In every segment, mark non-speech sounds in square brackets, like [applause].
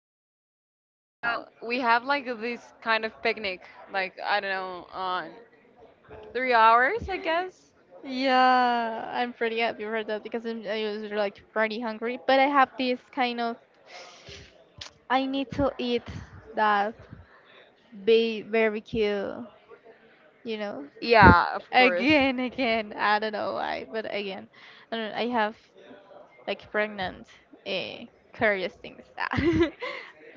right now. Well, But you yeah, know, we have like this kind of picnic, like, I don't know, on 3 hours, I guess? yeah, I'm pretty happy for that because I was like pretty hungry. But I have this kind of I need to eat that be very cute, you know. Yeah, of course. Again, again, I don't know why, but again, I don't I have like pregnant, uh, curious things. [laughs]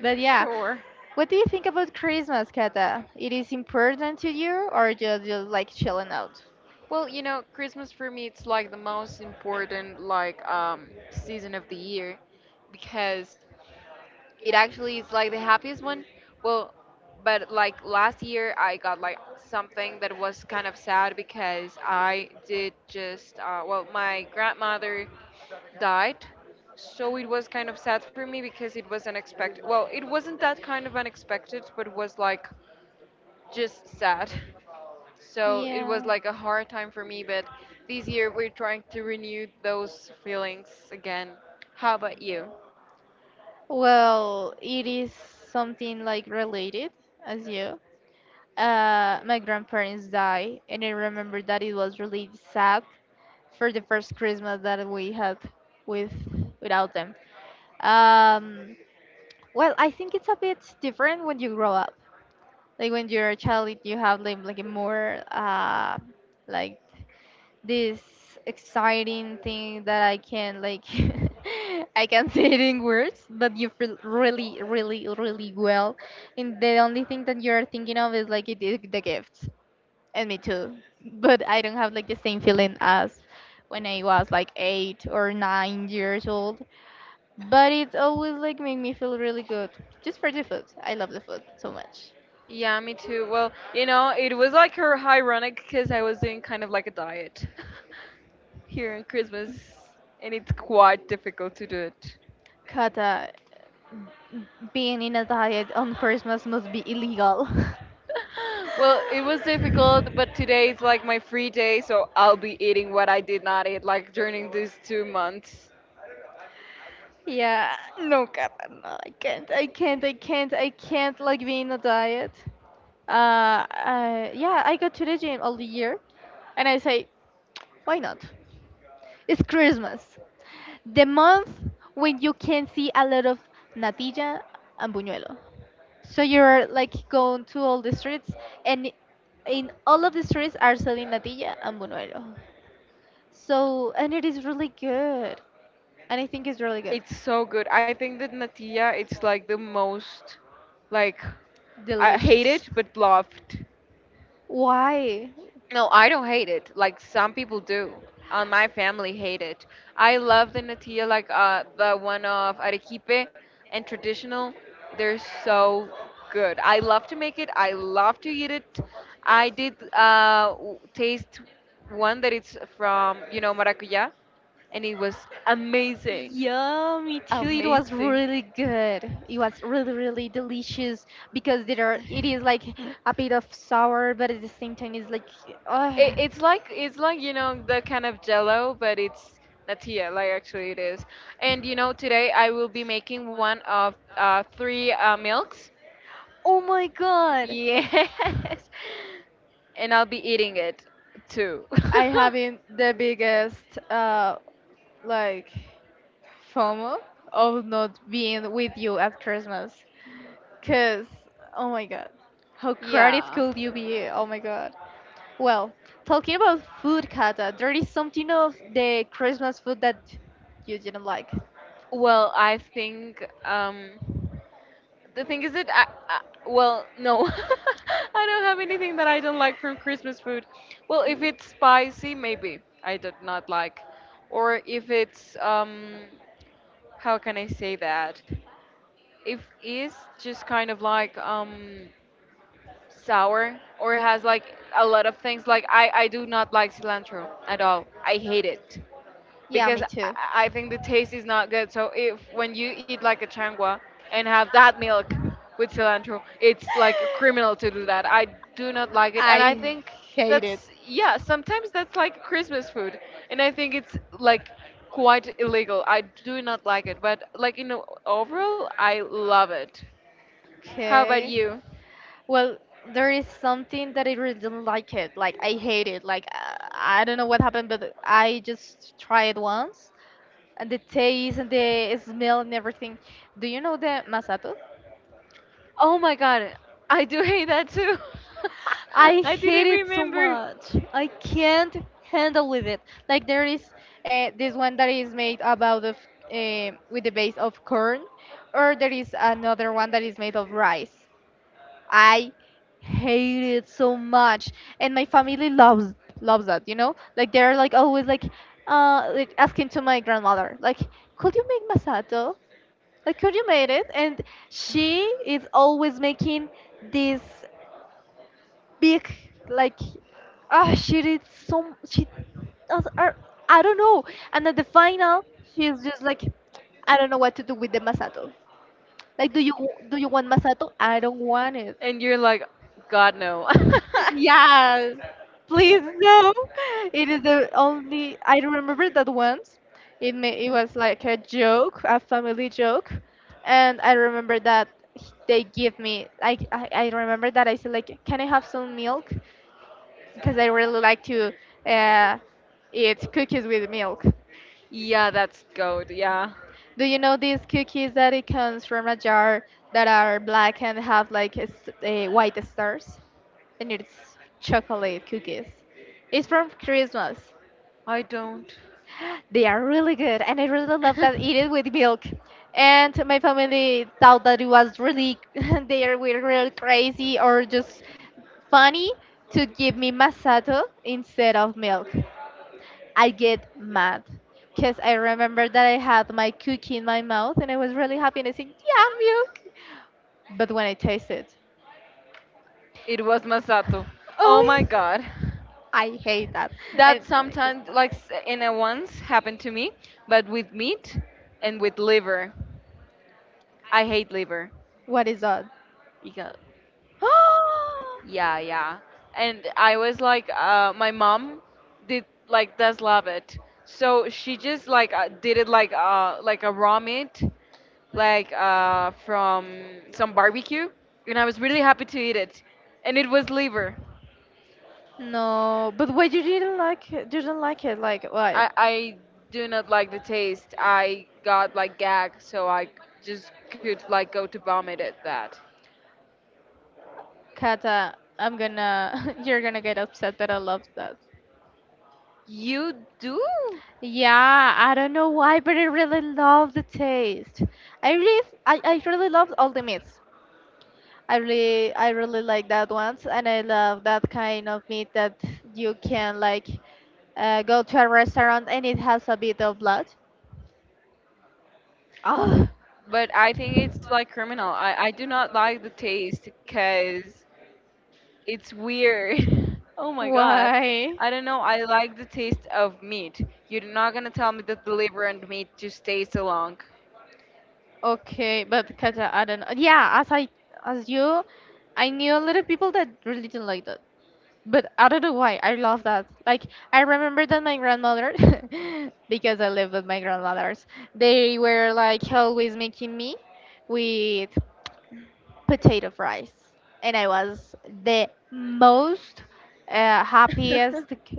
But yeah, Sure. what do you think about Christmas, Kata? It is important to you, or just you like chilling out? Well, you know, Christmas for me it's like the most important like season of the year because it actually is like the happiest one. Well, but like last year, I got like something that was kind of sad because I did just, well, my grandmother died. So it was kind of sad for me because it was unexpected. Well, it wasn't that kind of unexpected, but was like just sad. [laughs] So it was like a hard time for me, but this year we're trying to renew those feelings again. How about you? Well, it is something like related as you. My grandparents died, and I remember that it was really sad for the first Christmas that we had with without them. Um, well, I think it's a bit different when you grow up. Like when you're a child, you have like a more like this exciting thing that I can like [laughs] I can say it in words, but you feel really, really, really well. And the only thing that you're thinking of is like it is the gifts and me too. But I don't have like the same feeling as when I was like 8 or 9 years old. But it always like made me feel really good just for the food. I love the food so much. Yeah, me too. Well, you know, it was like her ironic because I was doing kind of like a diet [laughs] here on Christmas, and it's quite difficult to do it. Kata, being in a diet on Christmas must be illegal. [laughs] Well, it was difficult, but [laughs] today is like my free day, so I'll be eating what I did not eat like during these 2 months. Yeah, no, Kata, no, I can't like be in a diet. Yeah, I go to the gym all the year, and I say, why not? It's Christmas, the month when you can see a lot of natilla and buñuelo. So you're like going to all the streets, and in all of the streets are selling natilla and buñuelo. So and it is really good, and I think it's really good, It's so good. I think that natilla it's like the most like I hate delicious. it but loved. Why? No, I don't hate it. Like some people do. My family hate it. I love the natilla, like the one of arequipe and traditional. They're so good. I love to make it. I love to eat it. I did taste one that it's from, you know, maracuya, and it was amazing, Yeah, me too. It was amazing. really good. It was really, really delicious because there are, it is like a bit of sour, but at the same time, it's like, It, oh, it's like it's like you know the kind of jello, but it's natilla. Like actually, it is. And you know, today I will be making one of three milks. oh my God. Yes, [laughs] and I'll be eating it too. I having the biggest like FOMO of not being with you at Christmas. Cause oh my god. How [laughs] crowded yeah. could you be? Oh my god. Well, talking about food, Kata, there is something of the Christmas food that you didn't like. Well, I think the thing is that I well, no. [laughs] I don't have anything that I don't like from Christmas food. Well, if it's spicy, maybe I do not like. Or if it's how can I say that? If it's just kind of like sour or has like a lot of things like I do not like cilantro at all. I hate it Yeah, because me I too. I think the taste is not good. So if when you eat like a changua and have that milk with [laughs] cilantro, it's like a criminal to do that. I do not like it, and I I think hate it. that's yeah. Sometimes that's like Christmas food, and I think it's like quite illegal. I do not like it, but like in o- overall, I love it. How about Okay. you? Well, there is something that I really don't like it. Like I hate it. Like I don't know what happened, but I just tried it once, and the taste and the smell and everything. Do you know the masato? Oh my god, I do hate that too. I [laughs] I hate didn't it so remember. much. I can't handle with it. Like there is this one that is made about of with the base of corn, or there is another one that is made of rice. I hate it so much, and my family loves that. You know, like they're like always like asking to my grandmother like, could you make masato? Like, could you made it? And she is always making this big, like, ah, she did some, she does, I don't know. And at the final, she is just like, I don't know what to do with the masato. Like, do you want masato? I don't want it. And you're like, God, no. [laughs] Yeah, please no. It is the only I remember that once. It may, it was like a joke, a family joke, and I remember that they give me like I remember that I said like, can I have some milk? Because I really like to uh, eat cookies with milk. Yeah, that's good. Yeah. Do you know these cookies that it comes from a jar that are black and have like a, a white stars? And it's chocolate cookies. It's from Christmas. I don't. [gasps] They are really good, and I really love that eat [laughs] it with milk. And my family thought that it was really [laughs] were really crazy or just funny to give me masato instead of milk. I get mad because I remember that I had my cookie in my mouth and I was really happy and I said, yeah, milk. But when I taste it, It was Masato. Oh my oh, god. I hate that. And That I get sometimes, mad. like, s- in a once happened to me, but with meat and with liver. I hate liver. What is that? Because, yeah, [gasps] yeah. And I was like, my mom did like does love it. So she just like did it like a raw meat, like from some barbecue, and I was really happy to eat it, and it was liver. No, but why you didn't like it? You didn't like it? Like, why? I do not like the taste. I got like gag, so I just could like go to vomit at that. Kata, [laughs] you're gonna get upset, but I love that. You do? Yeah, I don't know why, but I really love the taste. I really love all the meats. I really like that ones, and I love that kind of meat that you can like go to a restaurant and it has a bit of blood. Oh, But I think it's like criminal. I do not like the taste because it's weird. [laughs] oh my god. why? I don't know. I like the taste of meat. You're not gonna tell me that the liver and meat just tastes along. Okay, but Katja, I don't know. Yeah, as you, I knew a lot of people that really didn't like But I don't know why. I love that. Like I remember that my grandmother, [laughs] because I lived with my grandmothers, they were like always making me with potato fries, and I was the most happiest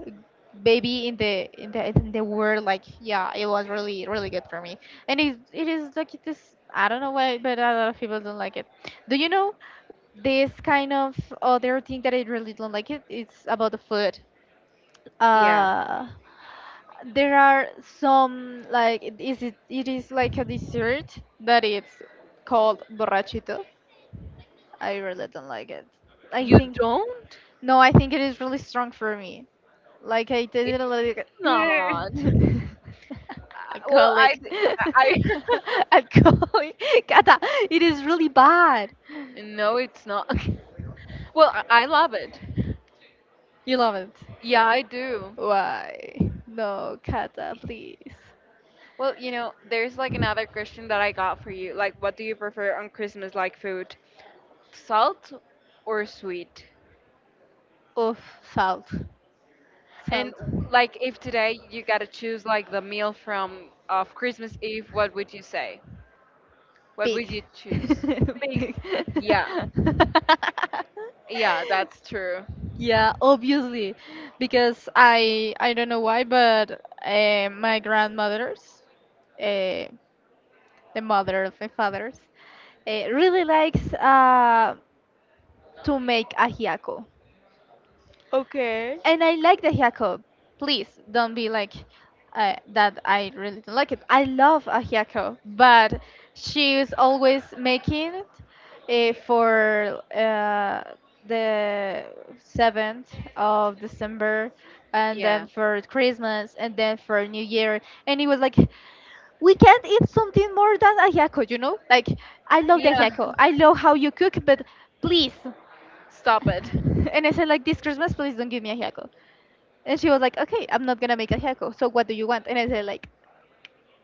baby in the in the world. Like yeah, it was really really good for me, and it is like this. I don't know why, but a lot of people don't like it. Do you know this kind of other thing that I really don't like it. It's about the food Yeah. uh there are some like it is like a dessert that it's called borrachito. I really don't like it. I You think don't? no, I think it is really strong for me. Like I tasted a little bit. Not. "Ugh." [laughs] Well, Alcoholic. I, [laughs] Alcoholic, Kata, it is really bad. [laughs] no, it's not. [laughs] well, I love it. You love it. Yeah, I do. Why? No, Kata, please. Well, you know, there's like another question that I got for you. Like, what do you prefer on Christmas, like food? Salt or sweet? Oof. Salt. And Salt. like if today you gotta choose like the meal from of Christmas Eve, what would you say? What Big. would you choose? [laughs] Big. Big. Yeah, [laughs] yeah, that's true. Yeah, obviously, because I don't know why, but my grandmothers, uh, the mother of my fathers, really likes to make ajiaco. Okay. And I like the haiku. Please don't be like that. I really don't like it. I love a haiku, but she is always making it for the 7th of December, and then Yeah. for Christmas, and then for New Year. And it was like we can't eat something more than a haiku, you know? Like I love the Yeah, haiku. I love how you cook, but please. [laughs] stop it. And I said, like, this Christmas, please don't give me a hako. And she was like, okay, I'm not gonna make a hako. So what do you want? And I said, like,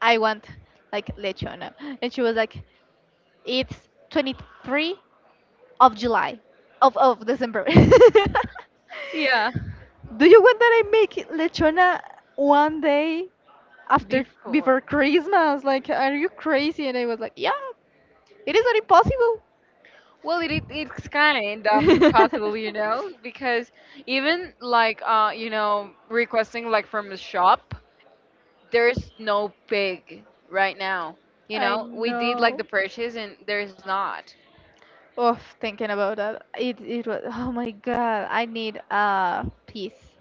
I want like lechona. And she was like, it's 23 of July, of December. [laughs] Yeah, Do you want that I make lechona one day after before. before Christmas? Like, are you crazy? And I was like, yeah, it is not impossible. Well, it's kind of impossible, you know, because [laughs] even like you know requesting like from a shop, there's no pig right now. You I know, we did like know. the purchase and there's not. Oh, thinking about that, it was. Oh my God, I need a piece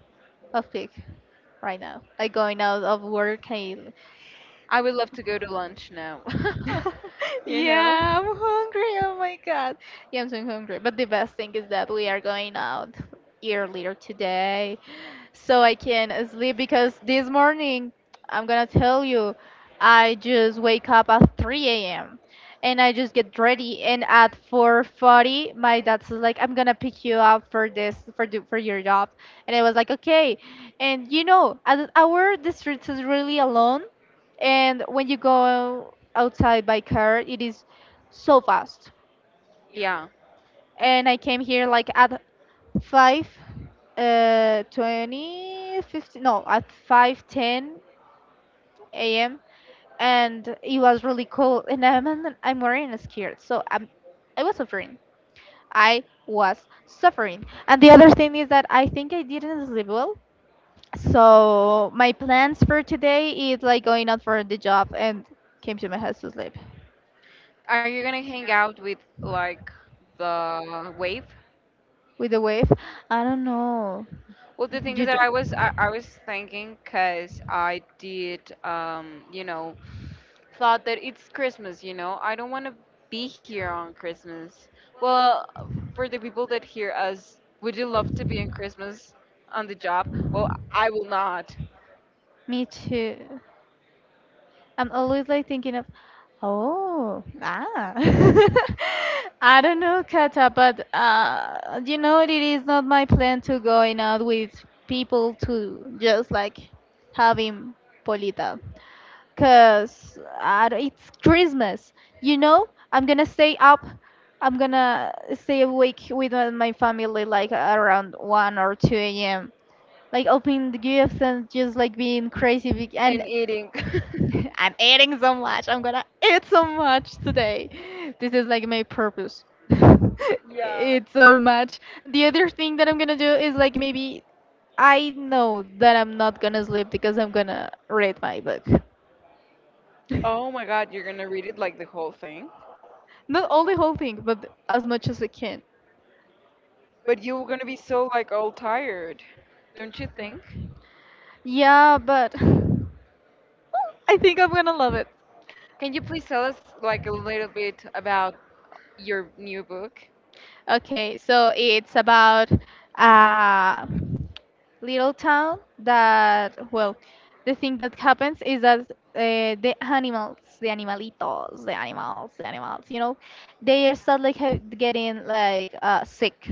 of cake right now. Like going out of work, I. I would love to go to lunch now. [laughs] [laughs] You Yeah, I'm know. hungry. Oh my God, yeah, I'm so hungry. But the best thing is that we are going out earlier today, so I can sleep because this morning I'm gonna tell you I just wake up at 3 a.m. and I just get ready and at 4:40 my dad's like I'm gonna pick you up for this for your job. And I was like okay. And you know at our district is really alone, and when you go outside by car it is so fast. Yeah. And I came here like at five 20 15, no at 5:10 a.m. And it was really cold and I'm wearing a skirt so I was suffering. I was suffering. And the other thing is that I think I didn't sleep well. So my plans for today is like going out for the job and came to my house to sleep Are you gonna hang out with like the wave? with the wave. I don't know. Well, the thing is You do. that I was thinking because I did you know thought that it's Christmas you know I don't want to be here on Christmas. Well, for the people that hear us, would you love to be on Christmas on the job? Well, I will not. Me too. I'm always like thinking of, oh, ah. [laughs] I don't know, Kata, but you know, it is not my plan to going out with people to just like having polita. Cause I d it's Christmas, you know. I'm gonna stay up. I'm gonna stay awake with my family like around 1 or 2 a.m. like opening the gifts and just like being crazy And and eating. [laughs] [laughs] I'm eating so much. I'm gonna eat so much today. This is like my purpose. [laughs] Yeah. Eat so much. And the other thing that I'm gonna do is like maybe I know that I'm not gonna sleep because I'm gonna read my book. Oh [laughs] my God, you're gonna read it like the whole thing? Not all the whole thing, but as much as I can. But you're gonna be so like all tired, don't you think? Yeah, but [laughs] I think I'm gonna love it. Can you please tell us like a little bit about your new book? Okay, so it's about uh, little town that well, the thing that happens is that the animals you know, they are start like getting like sick,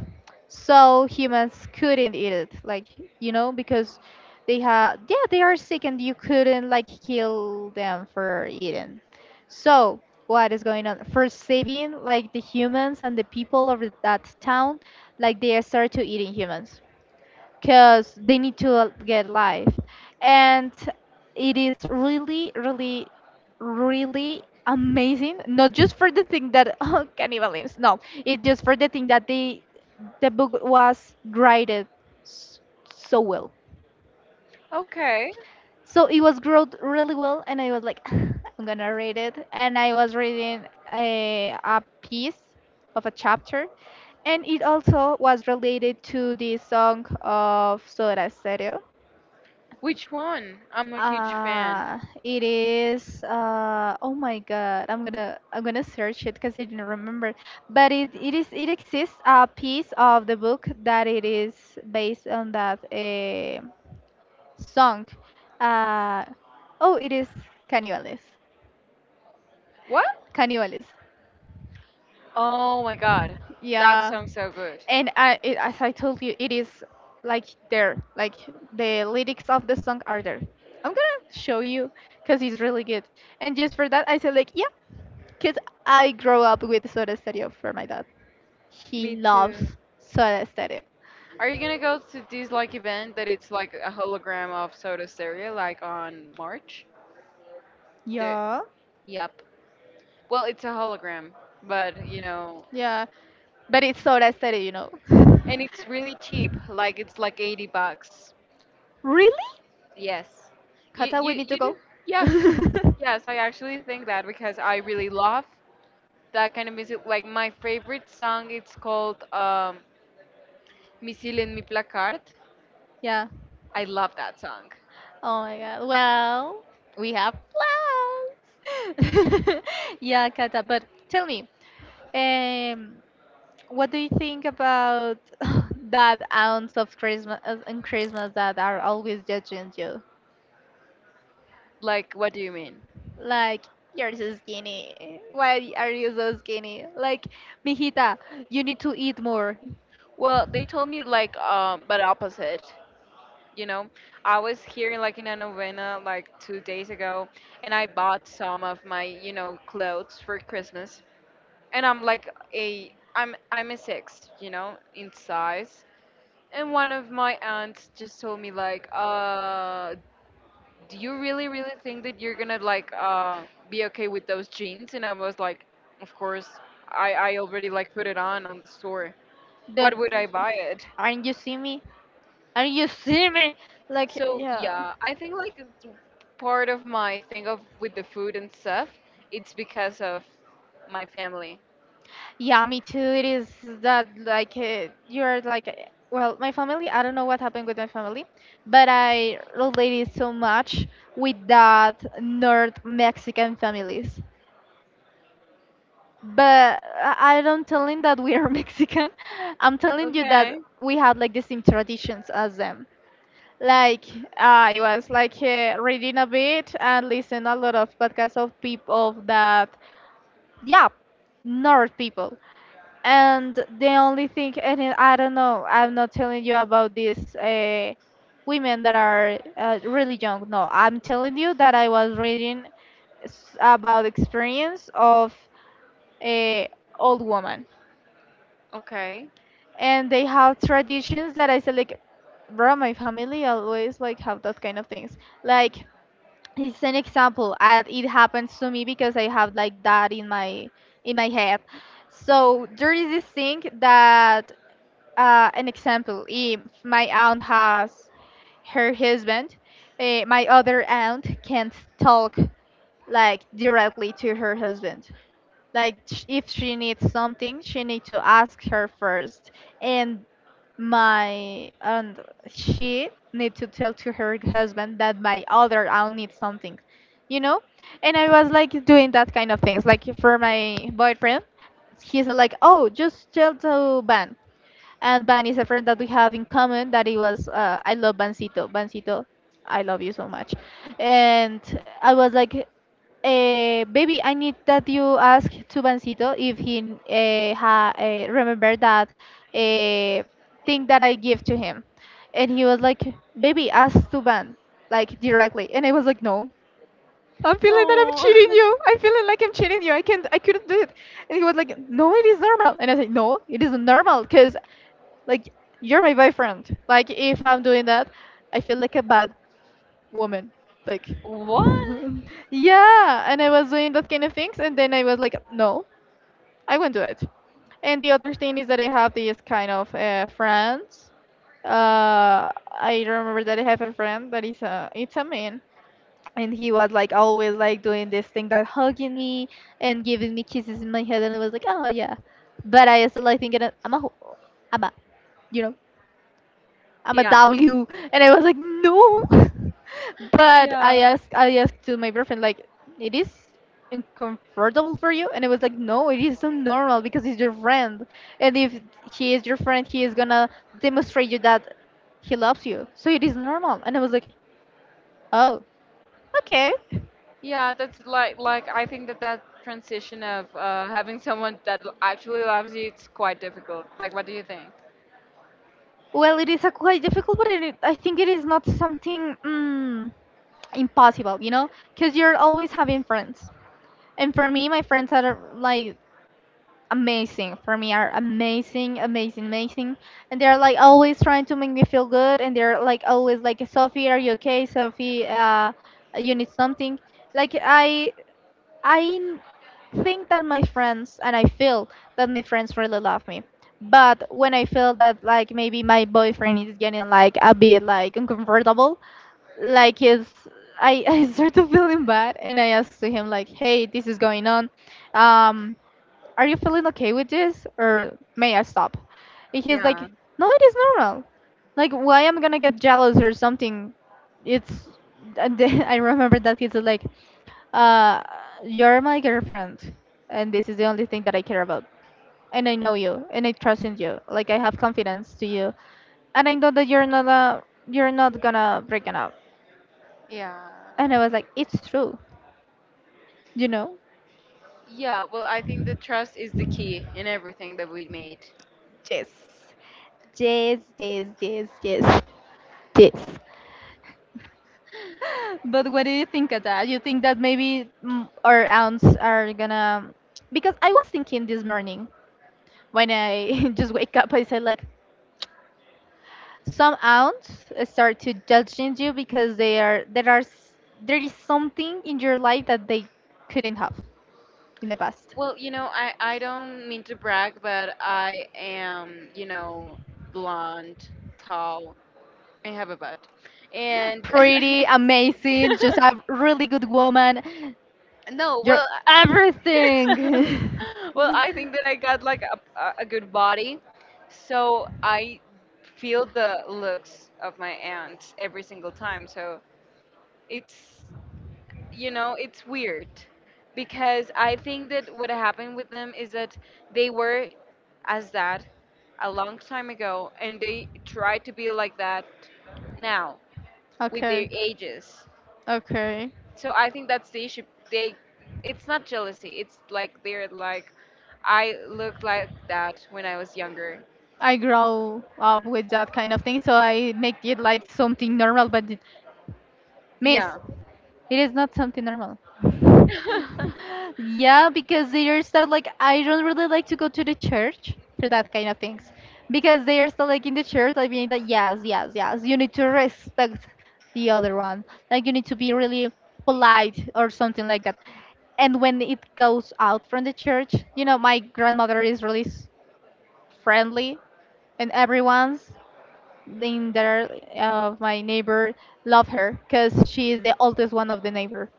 so humans couldn't eat it like, you know, because they have, yeah, they are sick and you couldn't like kill them for eating. So what is going on first, saving like the humans and the people of that town, like they start to eating humans because they need to get life. And it is really really really amazing, not just for the thing that [laughs] oh, cannibalism, no, it's just for the thing that the book was graded s- so well. Okay. So it was growed really well, and I was like [sighs] [laughs] I'm gonna read it. And I was reading a piece of a chapter, and it also was related to the song of Soda Stereo. Which one? I'm a I huge fan. It is, uh, oh my god, I'm gonna search it because I didn't remember. But it exists a piece of the book that it is based on that, song. Uh, oh, it is Caníbales. What? Caníbales. Oh my god. That Yeah. sounds so good. And I, it, as I told you, it is like there, like the lyrics of the song are there. I'm gonna show you because it's really good. And just for that, I said like, yeah, because I grow up with Soda Stereo for my dad. He Me loves too. Soda Stereo. Are you gonna go to this like event that it's like a hologram of Soda Stereo like on March? There. Yeah. Yep. Well, it's a hologram, but you know, Yeah, but it's Soda Stereo, you know. [laughs] and it's really cheap. Like it's like 80 bucks. Really? Yes. You Kata, we you need to you go. do. Yes. [laughs] [laughs] Yes, I actually think that because I really love that kind of music. Like my favorite song, it's called Misil en mi placard. Yeah. I love that song. Oh my god. Well, we have plans. [laughs] Yeah, Kata, but tell me, um, what do you think about [laughs] that ounce of Christmas, in Christmas that are always judging you? Like, what do you mean? Like, you're so skinny. Why are you so skinny? Like, mijita, you need to eat more. Well, they told me like, but opposite. You know, I was here like in a novena like 2 days ago, and I bought some of my you know clothes for Christmas, and I'm like a I'm a six, you know, in size. And one of my aunts just told me like, do you really, really think that you're gonna like be okay with those jeans? And I was like, of course. I already like put it on the store. What Then, would I buy it? aren't you see me? And you see me, like, So yeah. yeah, I think like it's part of my thing of with the food and stuff, it's because of my family. Yeah, me too. It is that like, you're like, well, my family, I don't know what happened with my family, but I related so much with that north Mexican families, but I don't telling that we are [laughs] Mexican, I'm telling you that Okay. we have like the same traditions as them. Like I was like, reading a bit and listen a lot of podcasts of people that, yeah, nerd people. And the only thing, and then I don't know, I'm not telling you about these, women that are, really young. No, I'm telling you that I was reading about experience of a old woman, Okay. and they have traditions that I said like, bro, my family always like have that kind of things. Like it's an example, and it happens to me because I have like that in my head. So there is this thing that, an example, if my aunt has her husband, eh, my other aunt can't talk like directly to her husband. Like if she needs something, she needs to ask her first. And my aunt, she need to tell to her husband that my other aunt needs something, you know? And I was like doing that kind of things. Like for my boyfriend, he's like, oh, just tell to Ben. And Van is a friend that we have in common that it was, I love Vancito. Vancito, I love you so much. And I was like, baby, I need that you ask to Vancito if he, remember that, uh, thing that I give to him. And he was like, baby, ask to Van, like directly. And I was like, no. I'm feeling that I'm Oh. cheating [laughs] you. I'm feeling like I'm cheating you. I can't. I couldn't do it. And he was like, "No, it is normal." And I said, "No, it isn't normal because like you're my boyfriend. Like if I'm doing that, I feel like a bad woman. Like What? [laughs] yeah, and I was doing that kind of things, and then I was like, no, I won't do it." And the other thing is that I have these kind of, friends. I remember that I have a friend that is a it's a man, and he was like always like doing this thing that hugging me and giving me kisses in my head, and I was like, oh yeah, but I still like thinking that I'm a I'm a, you know, I'm a Yeah. W, and I was like, no. [laughs] But Yeah. I asked to my boyfriend, like, it is uncomfortable for you, and it was like, no, it is so normal because he's your friend, and if he is your friend, he is gonna demonstrate you that he loves you, so it is normal. And I was like, oh, okay. Yeah, that's like I think that that transition of having someone that l- actually loves you, it's quite difficult. Like, what do you think? Well, it is a quite difficult, but it, I think it is not something, impossible, you know, because you're always having friends. And for me, my friends are like amazing. For me are amazing, and they're like always trying to make me feel good, and they're like always like, Sophie, are you okay? Sophie, uh, you need something? Like I think that my friends, and I feel that my friends really love me, but when I feel that like maybe my boyfriend is getting like a bit like uncomfortable, like it's, I, [laughs] I start to feeling bad, and I ask to him like, hey, this is going on. Um, are you feeling okay with this? Or may I stop? And he's like, Yeah, no, it is normal. Like, why am I gonna get jealous or something? It's. And then [laughs] I remember that he's like, uh, you're my girlfriend. And this is the only thing that I care about. And I know you. And I trust in you. Like, I have confidence to you. And I know that you're not a. You're not gonna break it up. yeah, And I was like, it's true. You know? yeah. Well, I think the trust is the key in everything that we made. Yes. Yes, yes, yes, yes. Yes. [laughs] But what do you think of that? You think that maybe, our aunts are gonna? Because I was thinking this morning when I [laughs] just wake up, I said like, some aunts start to judging you because they are, there are there is something in your life that they couldn't have in the past. Well, you know, I don't mean to brag, but I am, you know, blonde, tall, and have a butt. And Pretty, [laughs] amazing, just a really good woman. no, You're well, I- everything. [laughs] well, I think that I got like a good body, [laughs] so I feel the looks of my aunt every single time. So it's you know, it's weird because I think that what happened with them is that they were as that a long time ago and they try to be like that now with their Okay. ages. Okay. So I think that's the issue. They it's not jealousy. It's like they're like I looked like that when I was younger. I grow up with that kind of thing, so I make it like something normal, but it, miss, Yeah. it is not something normal. [laughs] [laughs] Yeah, because they are still like, I don't really like to go to the church for that kind of things. Because they are still like in the church, I mean, that yes, yes, yes, you need to respect the other one. Like, you need to be really polite or something like that. And when it goes out from the church, you know, my grandmother is really friendly, and everyone's in there of my neighbor love her because she is the oldest one of the neighbor.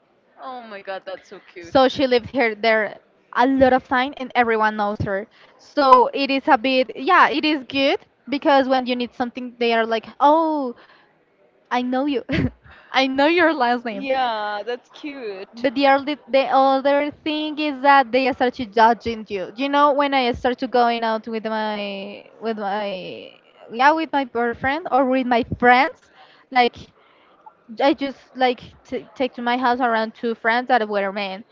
oh my god, that's so cute. So she lived here there a lot of time, and everyone knows her. So it is a bit, yeah, it is good because when you need something, they are like, oh, I know you, [laughs] I know your last name. Yeah, that's cute. But the other thing is that they start to judging you. You know, when I start to going out with my, yeah, with my boyfriend or with my friends, like I just like take to my house around two friends that were men,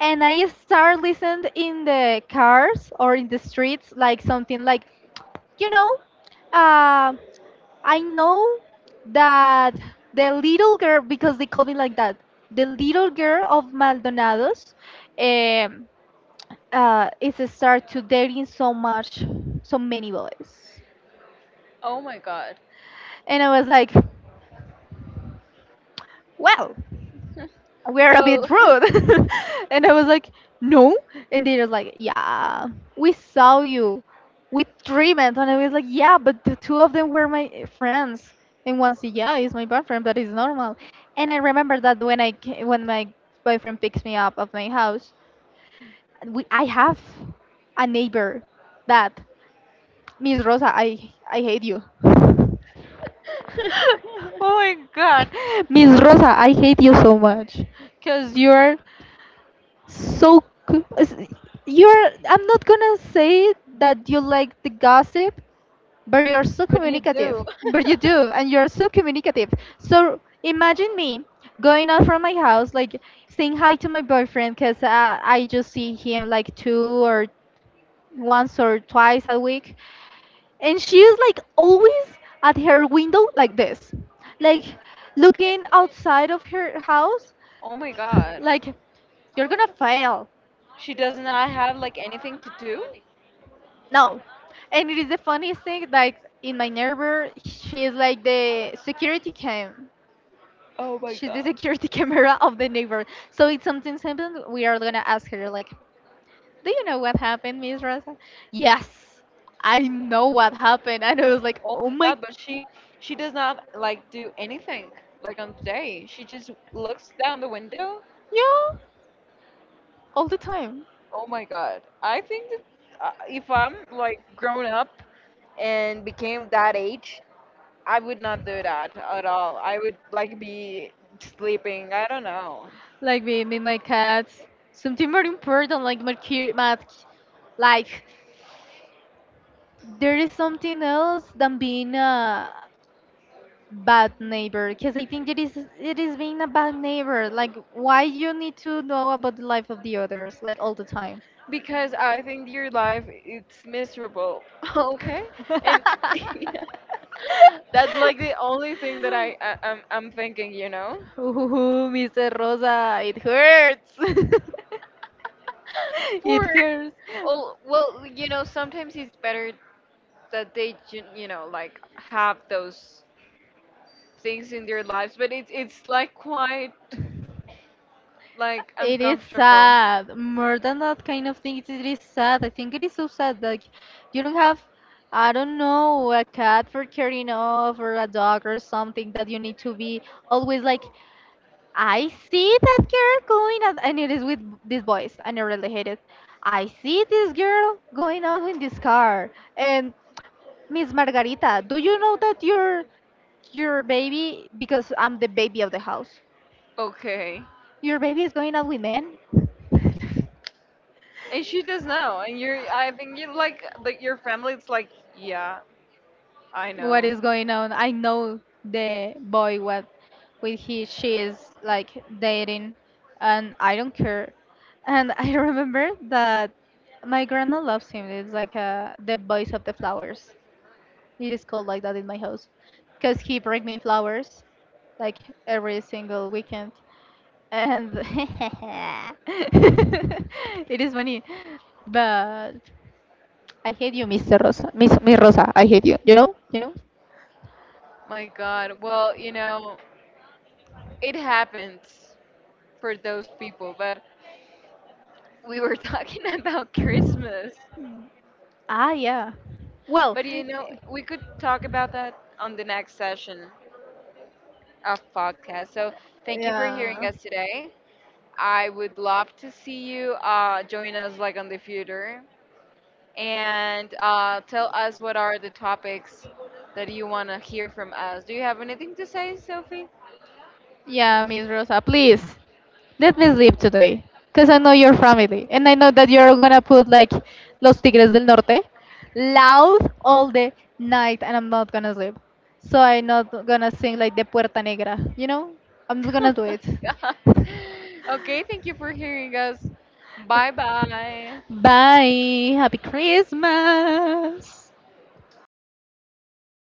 and I start listening in the cars or in the streets like something like, you know, um, I know that the little girl, because they call me like that, the little girl of Maldonados, um, is start to dating so much, so many boys. Oh my god. And I was like, wow, we're a Well, bit rude. [laughs] And I was like, no. And they were like, yeah, we saw you with treatment. And I was like, yeah, but the two of them were my friends. And one said, yeah, he's my boyfriend, but it's normal. And I remember that when I when my boyfriend picks me up of my house, we, I have a neighbor that, Miss Rosa, I hate you. [laughs] Oh [laughs] my god. Miss Rosa, I hate you so much. Because you're so, c- s- you're, I'm not gonna say that you like the gossip, but you're so what do you communicative. do? But you [laughs] do, and you're so communicative. So imagine me going out from my house, like saying hi to my boyfriend, cause, I just see him like two or once or twice a week, and she's like always at her window like this, like looking outside of her house, Oh my god. like you're gonna fail. She does not have like anything to do? No. And it is the funniest thing, like in my neighbor, she is like the security cam. Oh my She's the god. security [laughs] camera of the neighbor. So if something happens, we are gonna ask her like, "Do you know what happened, Miss Rosa?" Yes, I know what happened. And I was like, Oh "Oh my my, god, but she does not like do anything like on the day. She just looks down the window. yeah, all the time." Oh my god. I think that if I'm like grown up and became that age, I would not do that at all. I would like be sleeping. I don't know. Like with my cats, something very important, like my, like there is something else than being, bad neighbor, because I think it is, it is being a bad neighbor. Like why you need to know about the life of the others like all the time? Because I think your life it's miserable. [laughs] Okay, and [laughs] [laughs] yeah, that's like the only thing that I'm thinking. You know, Ooh, Mr. Rosa, it hurts. [laughs] It for hurts. well, well, you know, sometimes it's better that they ju- you know like have those things in their lives, but it's like quite like It is uncomfortable. sad. More than that kind of thing, it is sad. I think it is so sad. Like, you don't have, I don't know, a cat for carrying off or a dog or something that you need to be always like, I see that girl going out. And it is with this voice. I never really hate it. I see this girl going out in this car. And Miss Margarita, do you know that your baby, because I'm the baby of the house, Okay. your baby is going out with men? [laughs] And she does know, and you're. I think you like your family. It's like, yeah, I What know. is going on. I know the boy what with he she is like dating, and I don't care. And [laughs] I remember that my grandma loves him. It's like, the voice of the flowers. It is called like that in my house because he bring me flowers like every single weekend. And [laughs] it is funny. But I hate you, Mr. Rosa. Miss Rosa, I hate you. You know? You know? My God. Well, you know, it happens for those people, but we were [laughs] talking about Christmas. Ah, yeah. Well, But you know, we could talk about that on the next session of podcast. So thank you for hearing yeah. us today. I would love to see you join us like on the future and tell us what are the topics that you want to hear from us. Do you have anything to say, Sophie? Yeah, Miss Rosa, please let me sleep today. Because I know your family. And I know that you're gonna put like Los Tigres del Norte loud all the night, and I'm not gonna sleep. So I'm not gonna sing like the Puerta Negra, you know? I'm not [laughs] gonna Oh do my it. God. Okay, thank you for hearing us. Bye bye. Bye. Happy Christmas.